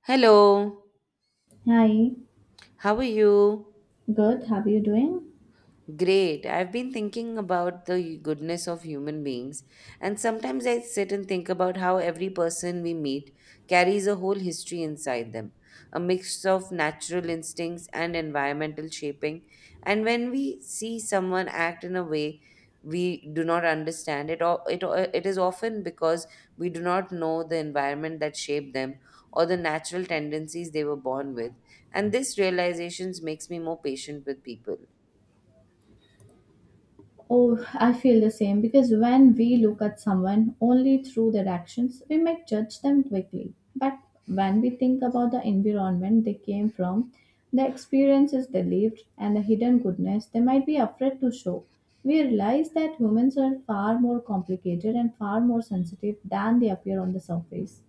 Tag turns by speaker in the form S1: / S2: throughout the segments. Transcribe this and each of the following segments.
S1: Hello,
S2: Hi,
S1: how are you?
S2: good. How are you doing?
S1: Great. I've been thinking about the goodness of human beings, and sometimes I sit and think about how every person we meet carries a whole history inside them, a mix of natural instincts and environmental shaping. And when we see someone act in a way we do not understand it is often because we do not know the environment that shaped them or the natural tendencies they were born with. And this realization makes me more patient with people.
S2: Oh, I feel the same because when we look at someone only through their actions, we might judge them quickly. But when we think about the environment they came from, the experiences they lived, and the hidden goodness they might be afraid to show, we realize that humans are far more complicated and far more sensitive than they appear on the surface.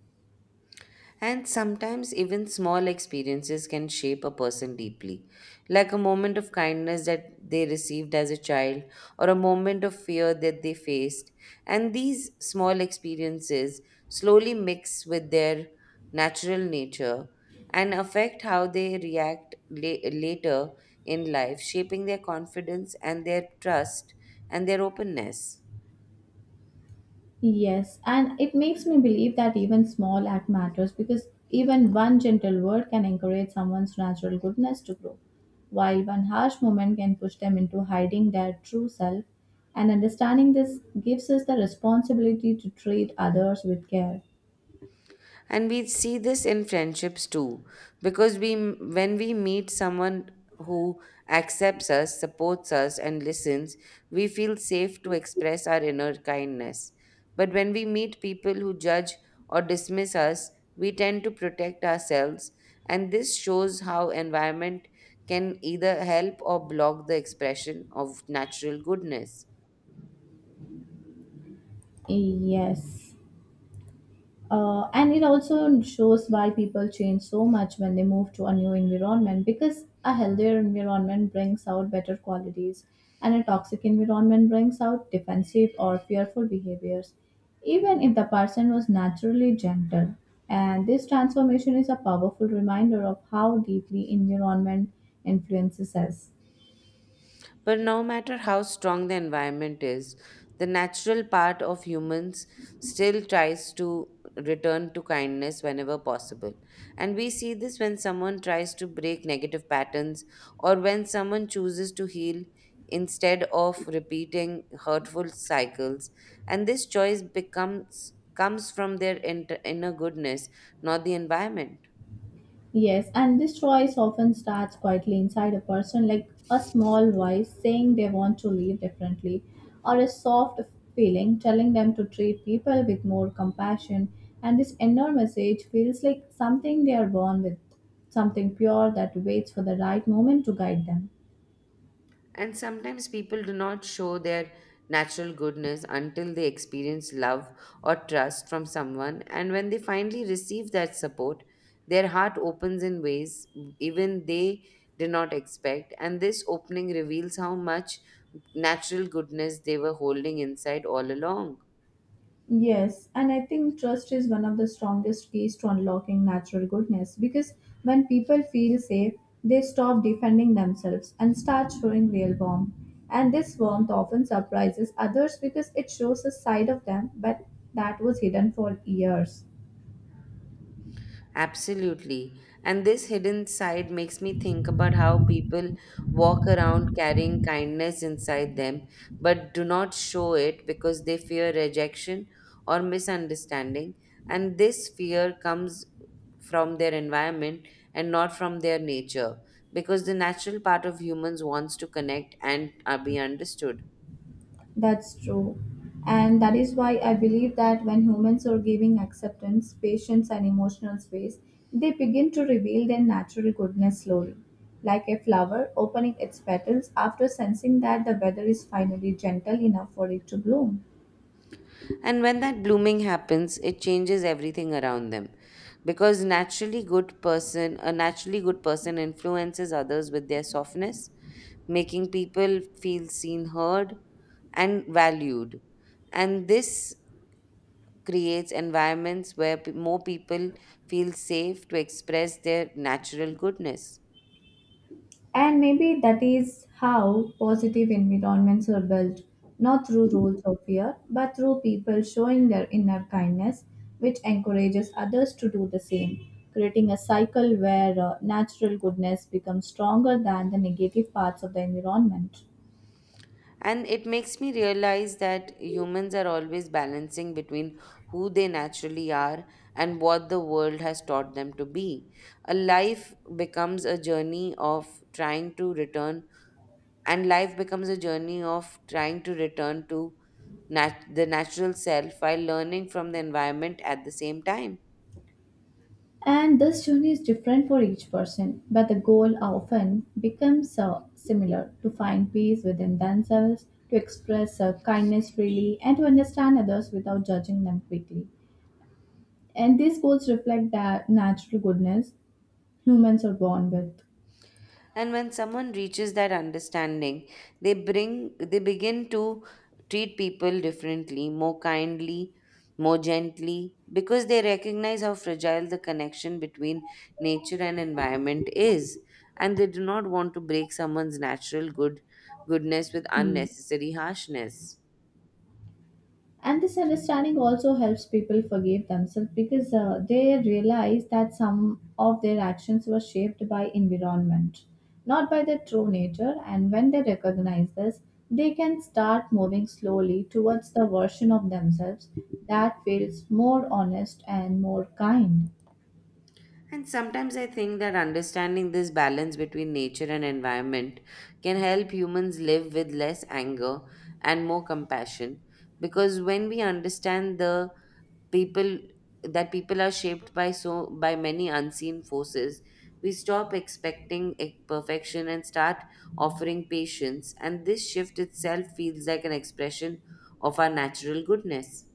S1: And sometimes even small experiences can shape a person deeply, like a moment of kindness that they received as a child or a moment of fear that they faced. And these small experiences slowly mix with their natural nature and affect how they react later in life, shaping their confidence and their trust and their openness.
S2: Yes, and it makes me believe that even small act matters because even one gentle word can encourage someone's natural goodness to grow, while one harsh moment can push them into hiding their true self. And understanding this gives us the responsibility to treat others with care.
S1: And we see this in friendships too, because we when we meet someone who accepts us, supports us, and listens, we feel safe to express our inner kindness. But when we meet people who judge or dismiss us, we tend to protect ourselves. And this shows how environment can either help or block the expression of natural goodness.
S2: Yes. And it also shows why people change so much when they move to a new environment, because a healthier environment brings out better qualities and a toxic environment brings out defensive or fearful behaviors even if the person was naturally gentle, and this transformation is a powerful reminder of how deeply environment influences us.
S1: But no matter how strong the environment is, the natural part of humans still tries to return to kindness whenever possible. And we see this when someone tries to break negative patterns or when someone chooses to heal instead of repeating hurtful cycles. And this choice becomes comes from their inner goodness, not the environment.
S2: Yes, and this choice often starts quietly inside a person, like a small voice saying they want to live differently, or a soft feeling telling them to treat people with more compassion. And this inner message feels like something they are born with, something pure that waits for the right moment to guide them.
S1: And sometimes people do not show their natural goodness until they experience love or trust from someone. And when they finally receive that support, their heart opens in ways even they did not expect. And this opening reveals how much natural goodness they were holding inside all along.
S2: Yes, and I think trust is one of the strongest keys to unlocking natural goodness because when people feel safe, they stop defending themselves and start showing real warmth. And this warmth often surprises others because it shows a side of them but that was hidden for years.
S1: Absolutely. And this hidden side makes me think about how people walk around carrying kindness inside them, but do not show it because they fear rejection or misunderstanding. And this fear comes from their environment and not from their nature, because the natural part of humans wants to connect and be understood.
S2: That's true. And that is why I believe that when humans are giving acceptance, patience, and emotional space, they begin to reveal their natural goodness slowly, like a flower opening its petals after sensing that the weather is finally gentle enough for it to bloom.
S1: And when that blooming happens, it changes everything around them. Because a naturally good person influences others with their softness, making people feel seen, heard, and valued. And this creates environments where more people feel safe to express their natural goodness.
S2: And maybe that is how positive environments are built, not through rules of fear, but through people showing their inner kindness, which encourages others to do the same, creating a cycle where natural goodness becomes stronger than the negative parts of the environment.
S1: And it makes me realize that humans are always balancing between who they naturally are and what the world has taught them to be. A life becomes a journey of trying to return, and life becomes a journey of trying to return to the natural self while learning from the environment at the same time.
S2: And this journey is different for each person, but the goal often becomes similar to find peace within themselves, to express kindness freely, and to understand others without judging them quickly. And these goals reflect that natural goodness humans are born with.
S1: And when someone reaches that understanding, they bring they begin to treat people differently, more kindly, more gently, because they recognize how fragile the connection between nature and environment is, and they do not want to break someone's natural good goodness with
S2: Hmm.
S1: unnecessary harshness.
S2: And this understanding also helps people forgive themselves because they realize that some of their actions were shaped by environment, not by their true nature. And when they recognize this, they can start moving slowly towards the version of themselves that feels more honest and more kind.
S1: And sometimes I think that understanding this balance between nature and environment can help humans live with less anger and more compassion, because when we understand the people that people are shaped by by many unseen forces, we stop expecting perfection and start offering patience, and this shift itself feels like an expression of our natural goodness.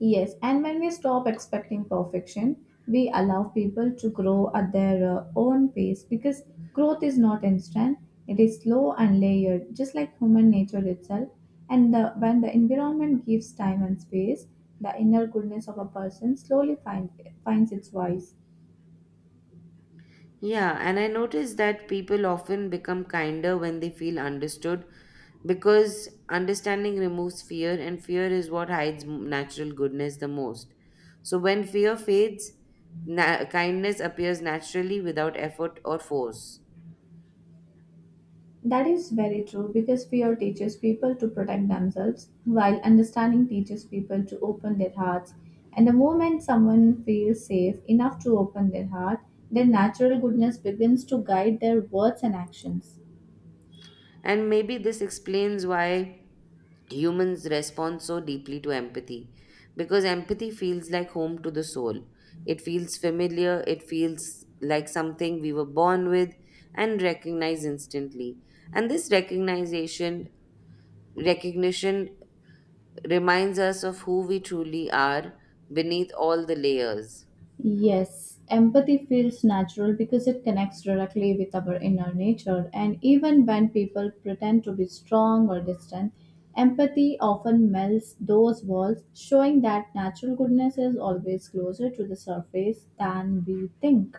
S2: Yes, and when we stop expecting perfection, we allow people to grow at their own pace because growth is not instant, it is slow and layered, just like human nature itself. When the environment gives time and space, the inner goodness of a person finds its voice.
S1: Yeah, and I notice that people often become kinder when they feel understood, because understanding removes fear, and fear is what hides natural goodness the most. So when fear fades, kindness appears naturally without effort or force.
S2: That is very true because fear teaches people to protect themselves, while understanding teaches people to open their hearts. And the moment someone feels safe enough to open their heart, their natural goodness begins to guide their words and actions.
S1: And maybe this explains why humans respond so deeply to empathy, because empathy feels like home to the soul. It feels familiar, it feels like something we were born with and recognize instantly. And this recognition reminds us of who we truly are beneath all the layers.
S2: Yes, empathy feels natural because it connects directly with our inner nature, and even when people pretend to be strong or distant, empathy often melts those walls, showing that natural goodness is always closer to the surface than we think.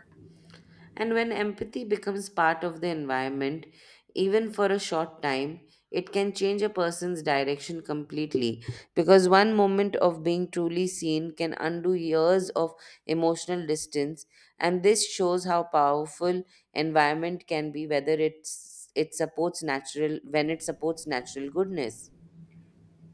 S1: And when empathy becomes part of the environment, even for a short time, it can change a person's direction completely, because one moment of being truly seen can undo years of emotional distance. And this shows how powerful environment can be, whether it's, it supports natural, when it supports natural goodness.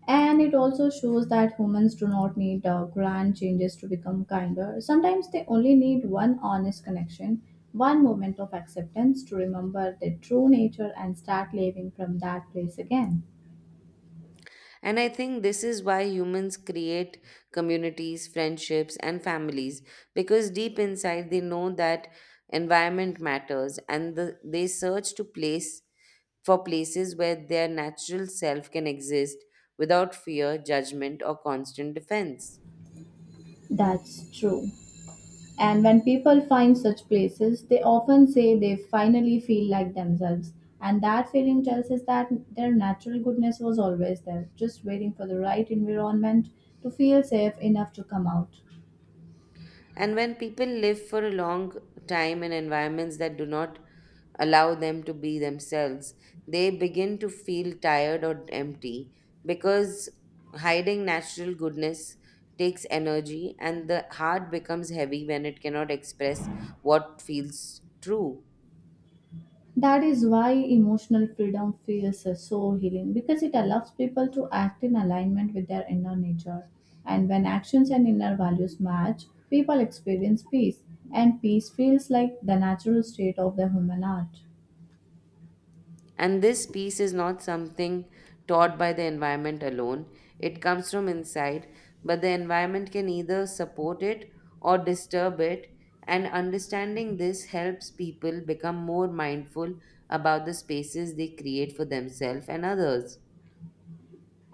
S2: And it also shows that humans do not need grand changes to become kinder. Sometimes they only need one honest connection, one moment of acceptance to remember their true nature and start living from that place again.
S1: And I think this is why humans create communities, friendships, and families, because deep inside they know that environment matters, and they search to place for places where their natural self can exist without fear, judgment, or constant defense.
S2: That's true. And when people find such places, they often say they finally feel like themselves. And that feeling tells us that their natural goodness was always there, just waiting for the right environment to feel safe enough to come out.
S1: And when people live for a long time in environments that do not allow them to be themselves, they begin to feel tired or empty because hiding natural goodness takes energy, and the heart becomes heavy when it cannot express what feels true.
S2: That is why emotional freedom feels so healing because it allows people to act in alignment with their inner nature. And when actions and inner values match, people experience peace, and peace feels like the natural state of the human heart.
S1: And this peace is not something taught by the environment alone, it comes from inside, but the environment can either support it or disturb it. And understanding this helps people become more mindful about the spaces they create for themselves and others.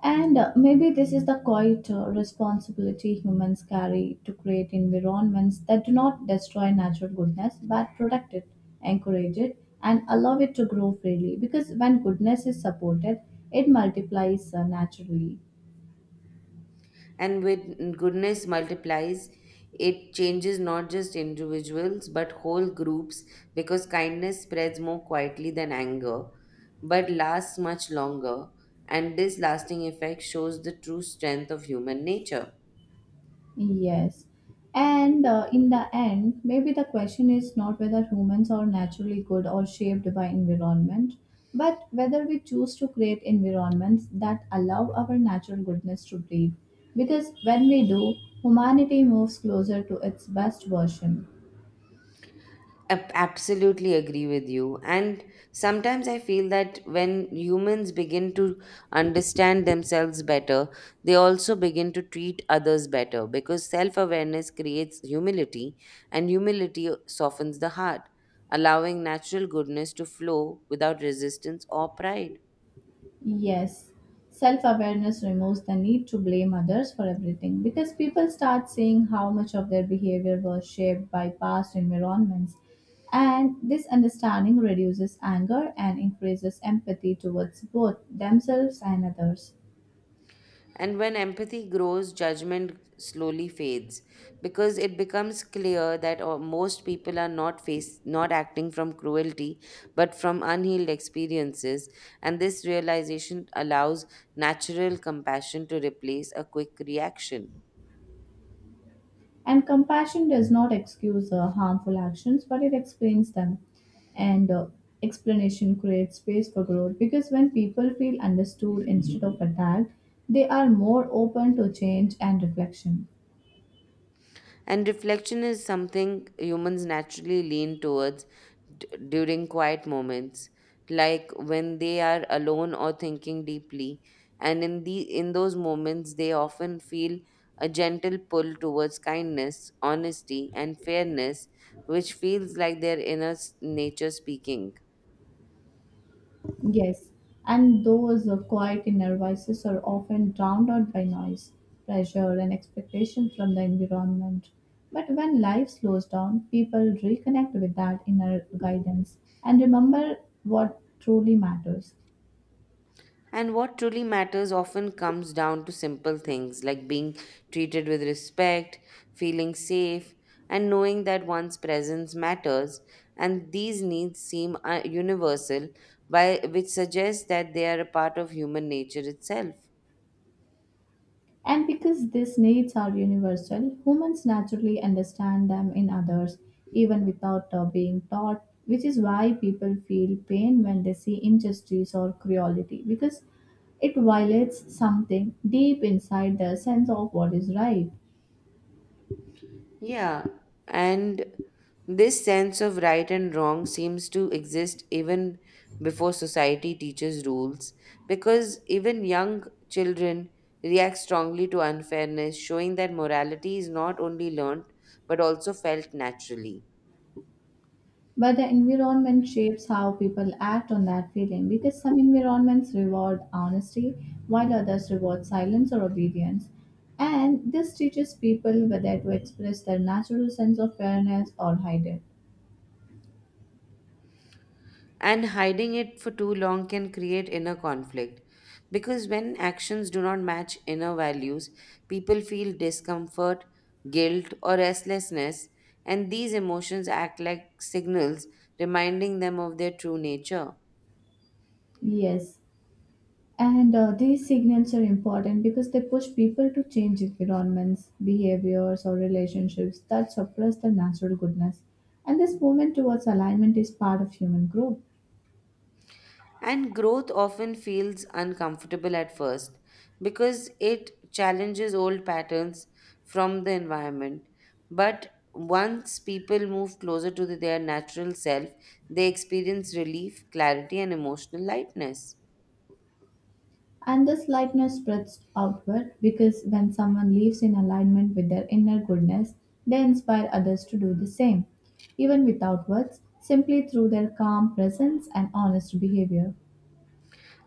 S2: And Maybe this is the quiet responsibility humans carry to create environments that do not destroy natural goodness but protect it, encourage it, and allow it to grow freely. Because when goodness is supported, it multiplies naturally.
S1: And when goodness multiplies, it changes not just individuals but whole groups, because kindness spreads more quietly than anger but lasts much longer. And this lasting effect shows the true strength of human nature.
S2: Yes. And In the end, maybe the question is not whether humans are naturally good or shaped by environment, but whether we choose to create environments that allow our natural goodness to breathe. Because when we do, humanity moves closer to its best version.
S1: Absolutely agree with you. And sometimes I feel that when humans begin to understand themselves better, they also begin to treat others better, because self-awareness creates humility, and humility softens the heart, allowing natural goodness to flow without resistance or pride.
S2: Yes, self awareness removes the need to blame others for everything because people start seeing how much of their behavior was shaped by past environments. And this understanding reduces anger and increases empathy towards both themselves and others.
S1: And when empathy grows, judgment slowly fades, because it becomes clear that most people are not acting from cruelty but from unhealed experiences. And this realization allows natural compassion to replace a quick reaction.
S2: And compassion does not excuse harmful actions, but it explains them. And Explanation creates space for growth because when people feel understood instead of attacked, they are more open to change and reflection.
S1: And reflection is something humans naturally lean towards during quiet moments, like when they are alone or thinking deeply. And in those moments, they often feel a gentle pull towards kindness, honesty, and fairness, which feels like their nature speaking.
S2: Yes, and those quiet inner voices are often drowned out by noise, pressure, and expectation from the environment. But when life slows down, people reconnect with that inner guidance and remember what truly matters.
S1: And what truly matters often comes down to simple things like being treated with respect, feeling safe, and knowing that one's presence matters. And these needs seem universal, which suggests that they are a part of human nature itself.
S2: And because these needs are universal, humans naturally understand them in others, even without being taught, which is why people feel pain when they see injustice or cruelty, because it violates something deep inside their sense of what is right.
S1: Yeah, and this sense of right and wrong seems to exist even before society teaches rules, because even young children react strongly to unfairness, showing that morality is not only learned but also felt naturally.
S2: But the environment shapes how people act on that feeling because some environments reward honesty while others reward silence or obedience. And this teaches people whether to express their natural sense of fairness or hide it.
S1: And hiding it for too long can create inner conflict, because when actions do not match inner values, people feel discomfort, guilt, or restlessness, and these emotions act like signals reminding them of their true nature.
S2: Yes, and these signals are important because they push people to change environments, behaviors, or relationships that suppress their natural goodness. And this movement towards alignment is part of human growth.
S1: And growth often feels uncomfortable at first because it challenges old patterns from the environment. But once people move closer to their natural self, they experience relief, clarity, and emotional lightness.
S2: And this lightness spreads outward because when someone lives in alignment with their inner goodness, they inspire others to do the same, even without words, simply through their calm presence and honest behavior.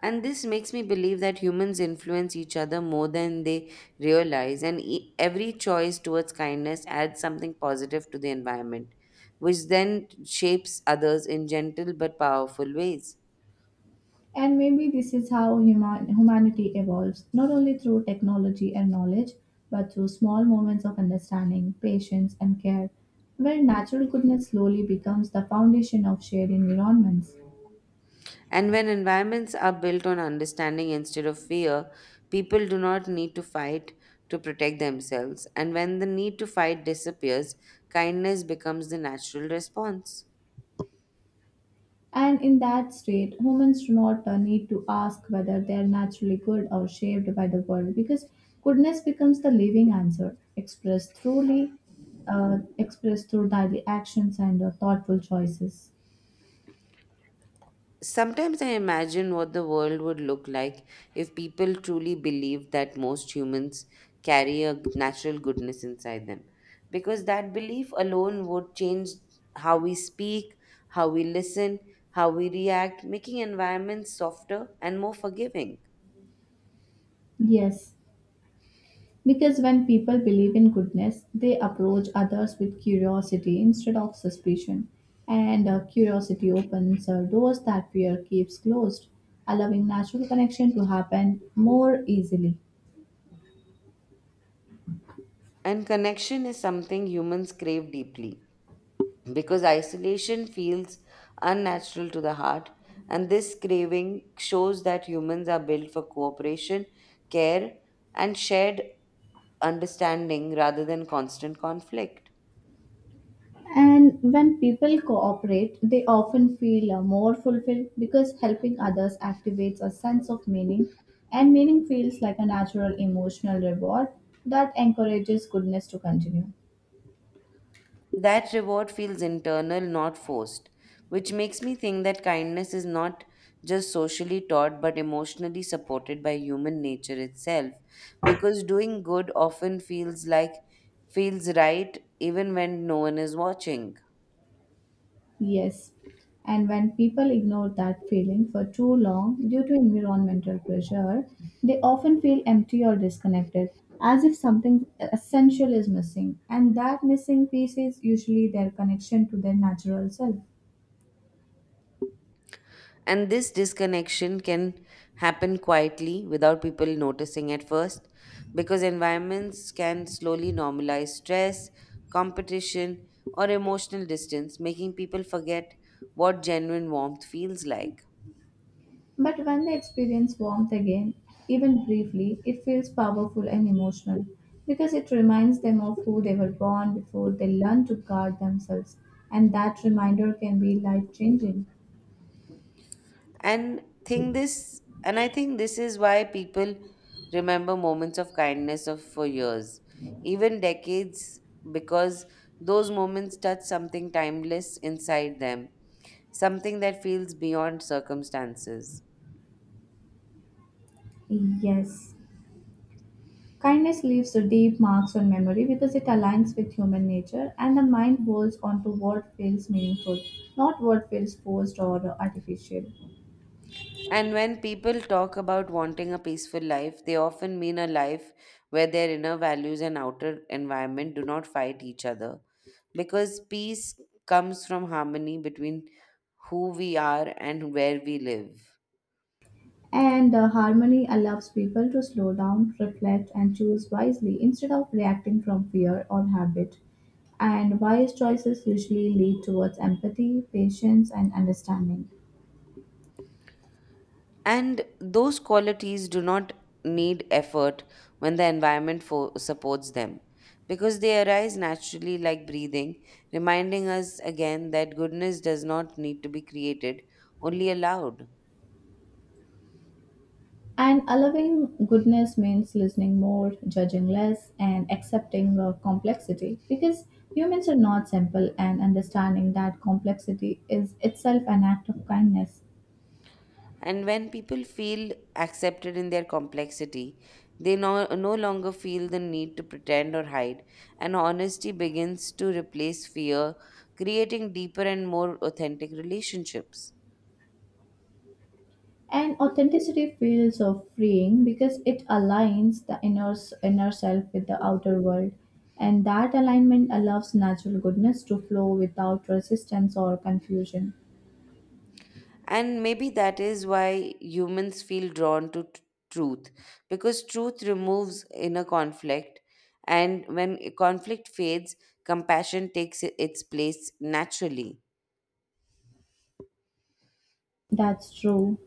S1: And this makes me believe that humans influence each other more than they realize, and every choice towards kindness adds something positive to the environment, which then shapes others in gentle but powerful ways.
S2: And maybe this is how humanity evolves, not only through technology and knowledge, but through small moments of understanding, patience, and care, where natural goodness slowly becomes the foundation of shared environments.
S1: And when environments are built on understanding instead of fear, people do not need to fight to protect themselves. And when the need to fight disappears, kindness becomes the natural response.
S2: And in that state, humans do not need to ask whether they are naturally good or shaped by the world because goodness becomes the living answer, expressed truly, expressed through daily actions and thoughtful choices.
S1: Sometimes I imagine what the world would look like if people truly believed that most humans carry a natural goodness inside them. Because that belief alone would change how we speak, how we listen, how we react, making environments softer and more forgiving.
S2: Yes, because when people believe in goodness, they approach others with curiosity instead of suspicion. And curiosity opens doors that fear keeps closed, allowing natural connection to happen more easily.
S1: And connection is something humans crave deeply, because isolation feels unnatural to the heart, and this craving shows that humans are built for cooperation, care, and shared understanding rather than constant conflict.
S2: And when people cooperate, they often feel more fulfilled because helping others activates a sense of meaning, and meaning feels like a natural emotional reward that encourages goodness to continue.
S1: That reward feels internal, not forced, which makes me think that kindness is not just socially taught but emotionally supported by human nature itself, because doing good often feels right even when no one is watching.
S2: Yes, and when people ignore that feeling for too long due to environmental pressure, they often feel empty or disconnected, as if something essential is missing, and that missing piece is usually their connection to their natural self.
S1: And this disconnection can happen quietly without people noticing at first, because environments can slowly normalize stress, competition, or emotional distance, making people forget what genuine warmth feels like.
S2: But when they experience warmth again, even briefly, it feels powerful and emotional because it reminds them of who they were born before they learn to guard themselves, and that reminder can be life changing.
S1: And I think this is why people remember moments of kindness of for years, even decades, because those moments touch something timeless inside them, something that feels beyond circumstances.
S2: Yes. Kindness leaves a deep marks on memory because it aligns with human nature and the mind holds on to what feels meaningful, not what feels forced or artificial.
S1: And when people talk about wanting a peaceful life, they often mean a life where their inner values and outer environment do not fight each other. Because peace comes from harmony between who we are and where we live.
S2: And harmony allows people to slow down, reflect, and choose wisely instead of reacting from fear or habit. And wise choices usually lead towards empathy, patience, and understanding.
S1: And those qualities do not need effort when the environment supports them, because they arise naturally like breathing, reminding us again that goodness does not need to be created, only allowed.
S2: And allowing goodness means listening more, judging less, and accepting complexity because humans are not simple, and understanding that complexity is itself an act of kindness.
S1: And when people feel accepted in their complexity, they no longer feel the need to pretend or hide, and honesty begins to replace fear, creating deeper and more authentic relationships.
S2: And authenticity feels freeing because it aligns the inner self with the outer world. And that alignment allows natural goodness to flow without resistance or confusion.
S1: And maybe that is why humans feel drawn to truth, because truth removes inner conflict. And when conflict fades, compassion takes its place naturally.
S2: That's true.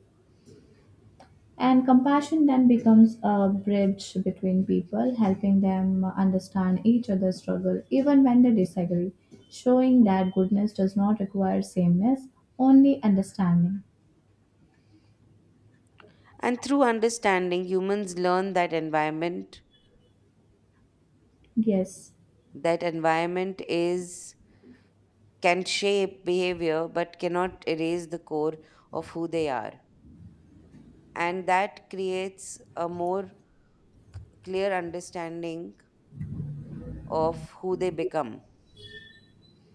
S2: And compassion then becomes a bridge between people, helping them understand each other's struggle, even when they disagree, showing that goodness does not require sameness, only understanding.
S1: And through understanding, humans learn that environment,
S2: Yes,
S1: that environment is can shape behavior but cannot erase the core of who they are. And that creates a more clear understanding of who they become.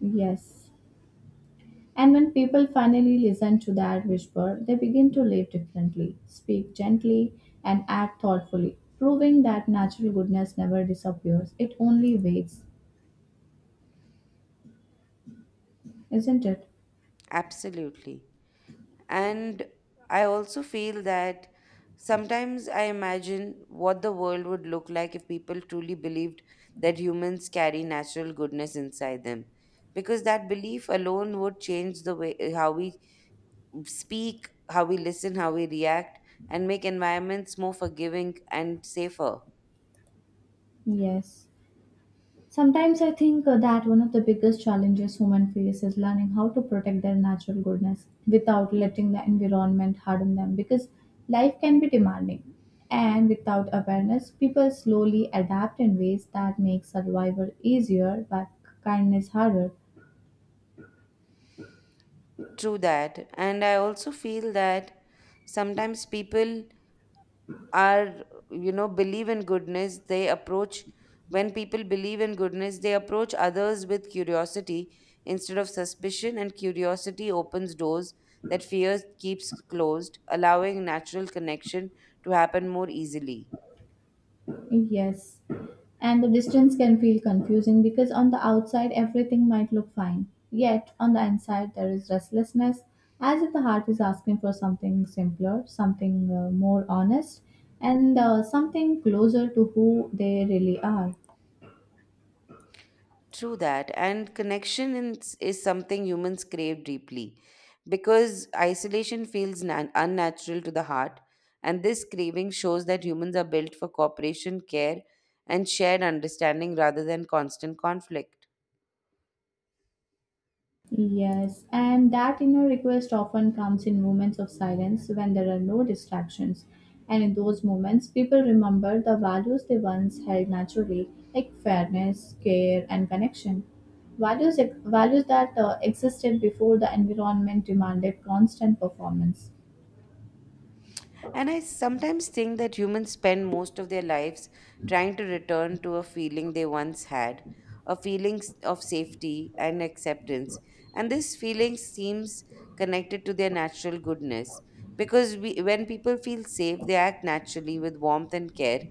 S2: yes. And when people finally listen to that whisper, they begin to live differently, speak gently, and act thoughtfully, proving that natural goodness never disappears, it only waits. Isn't it?
S1: Absolutely. And I also feel that sometimes I imagine what the world would look like if people truly believed that humans carry natural goodness inside them. Because that belief alone would change the way how we speak, how we listen, how we react, and make environments more forgiving and safer.
S2: Yes. Sometimes I think that one of the biggest challenges humans face is learning how to protect their natural goodness without letting the environment harden them, because life can be demanding and without awareness people slowly adapt in ways that make survival easier but kindness harder.
S1: True that. And I also feel that sometimes people are you know believe in goodness they approach when people believe in goodness, they approach others with curiosity instead of suspicion, and curiosity opens doors that fear keeps closed, allowing natural connection to happen more easily.
S2: Yes. And the distance can feel confusing because on the outside everything might look fine. Yet on the inside there is restlessness, as if the heart is asking for something simpler, something more honest, and something closer to who they really are.
S1: True that. And connection is something humans crave deeply because isolation feels nan unnatural to the heart. And this craving shows that humans are built for cooperation, care, and shared understanding rather than constant conflict.
S2: Yes, and that inner request often comes in moments of silence when there are no distractions. And in those moments, people remember the values they once held naturally, like fairness, care, and connection. Values that existed before the environment demanded constant performance.
S1: And I sometimes think that humans spend most of their lives trying to return to a feeling they once had, a feeling of safety and acceptance. And this feeling seems connected to their natural goodness because when people feel safe, they act naturally with warmth and care.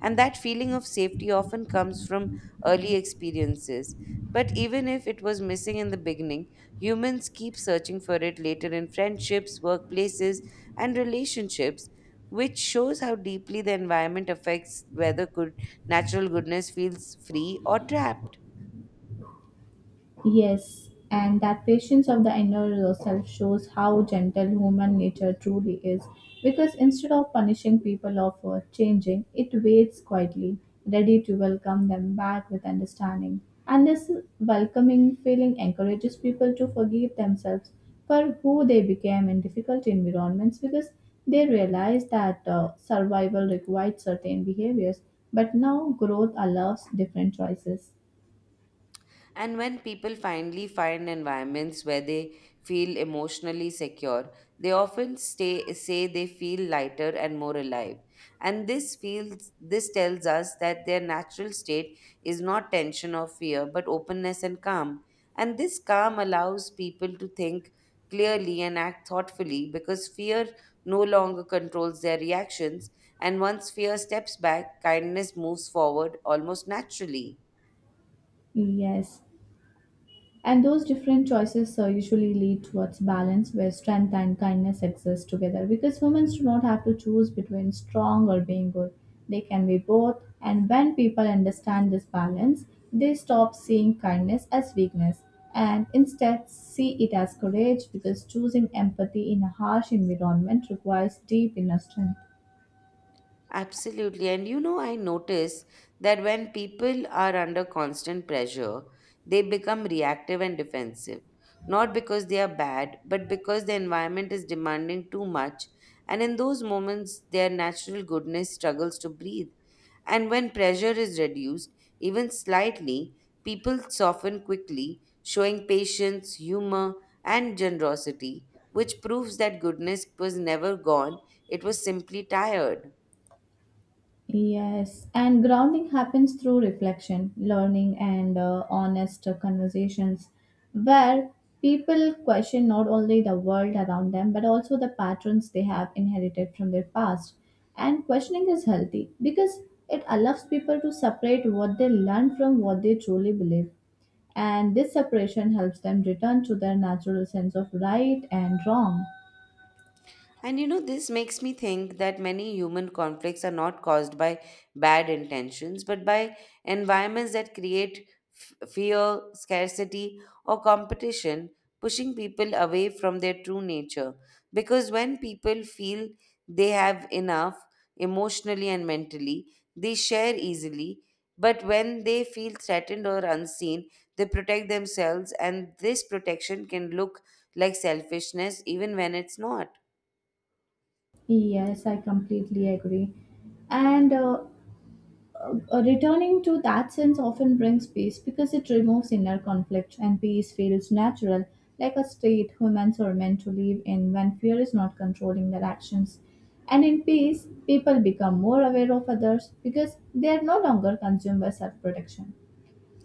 S1: And that feeling of safety often comes from early experiences. But even if it was missing in the beginning, humans keep searching for it later in friendships, workplaces, and relationships, which shows how deeply the environment affects whether good natural goodness feels free or trapped.
S2: Yes, and that patience of the inner self shows how gentle human nature truly is. Because instead of punishing people of changing, it waits quietly, ready to welcome them back with understanding. And this welcoming feeling encourages people to forgive themselves for who they became in difficult environments because they realize that survival required certain behaviors, but now growth allows different choices.
S1: And when people finally find environments where they feel emotionally secure, they often say they feel lighter and more alive. And this tells us that their natural state is not tension or fear, but openness and calm. And this calm allows people to think clearly and act thoughtfully because fear no longer controls their reactions. And once fear steps back, kindness moves forward almost naturally.
S2: Yes. And those different choices usually lead towards balance where strength and kindness exist together because humans do not have to choose between strong or being good. They can be both, and when people understand this balance, they stop seeing kindness as weakness and instead see it as courage because choosing empathy in a harsh environment requires deep inner strength.
S1: Absolutely. And you know, I notice that when people are under constant pressure, they become reactive and defensive, not because they are bad, but because the environment is demanding too much. And in those moments, their natural goodness struggles to breathe. And when pressure is reduced, even slightly, people soften quickly, showing patience, humor, and generosity, which proves that goodness was never gone, it was simply tired.
S2: Yes, and grounding happens through reflection, learning, and honest conversations where people question not only the world around them but also the patterns they have inherited from their past. And questioning is healthy because it allows people to separate what they learn from what they truly believe. And this separation helps them return to their natural sense of right and wrong.
S1: And you know, this makes me think that many human conflicts are not caused by bad intentions, but by environments that create fear, scarcity, or competition, pushing people away from their true nature. Because when people feel they have enough emotionally and mentally, they share easily. But when they feel threatened or unseen, they protect themselves, and this protection can look like selfishness even when it's not.
S2: Yes, I completely agree. And Returning to that sense often brings peace because it removes inner conflict and peace feels natural, like a state humans are meant to live in when fear is not controlling their actions. And in peace, people become more aware of others because they are no longer consumed by self protection.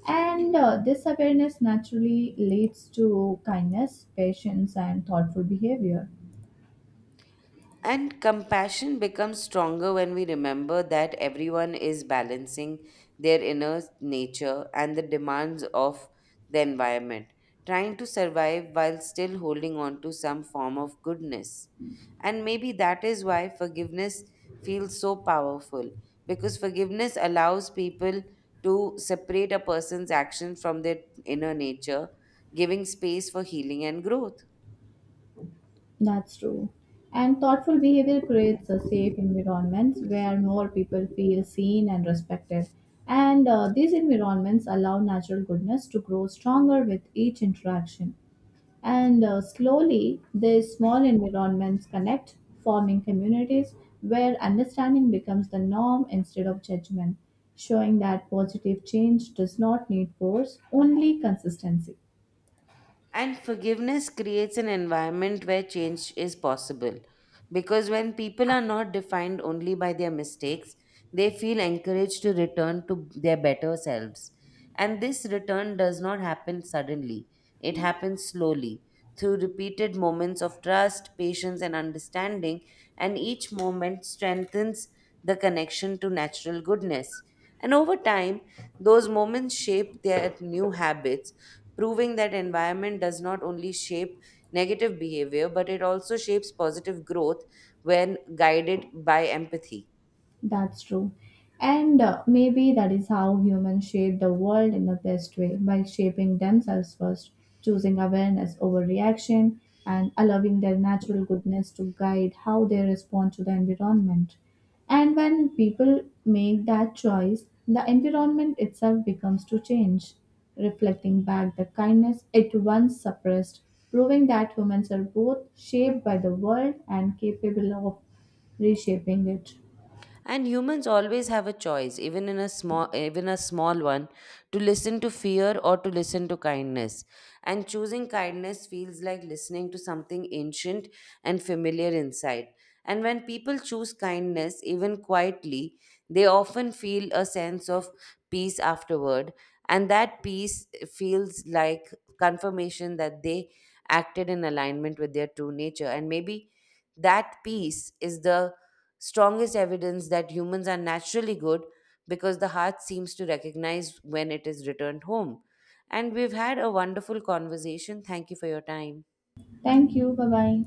S2: And this awareness naturally leads to kindness, patience, and thoughtful behavior.
S1: And compassion becomes stronger when we remember that everyone is balancing their inner nature and the demands of the environment, trying to survive while still holding on to some form of goodness. And maybe that is why forgiveness feels so powerful, because forgiveness allows people to separate a person's action from their inner nature, giving space for healing and growth.
S2: That's true. And thoughtful behavior creates a safe environments where more people feel seen and respected. And these environments allow natural goodness to grow stronger with each interaction. And slowly, these small environments connect, forming communities where understanding becomes the norm instead of judgment, showing that positive change does not need force, only consistency.
S1: And forgiveness creates an environment where change is possible. Because when people are not defined only by their mistakes, they feel encouraged to return to their better selves. And this return does not happen suddenly, it happens slowly through repeated moments of trust, patience, and understanding. And each moment strengthens the connection to natural goodness. And over time, those moments shape their new habits, proving that environment does not only shape negative behavior, but it also shapes positive growth when guided by empathy.
S2: That's true. And maybe that is how humans shape the world in the best way by shaping themselves first, choosing awareness over reaction, and allowing their natural goodness to guide how they respond to the environment. And when people make that choice, the environment itself becomes to change, reflecting back the kindness it once suppressed, proving that humans are both shaped by the world and capable of reshaping it.
S1: And humans always have a choice, even a small one, to listen to fear or to listen to kindness. And choosing kindness feels like listening to something ancient and familiar inside. And when people choose kindness, even quietly, they often feel a sense of peace afterward. And that peace feels like confirmation that they acted in alignment with their true nature. And maybe that peace is the strongest evidence that humans are naturally good because the heart seems to recognize when it is returned home. And we've had a wonderful conversation. Thank you for your time.
S2: Thank you. Bye bye.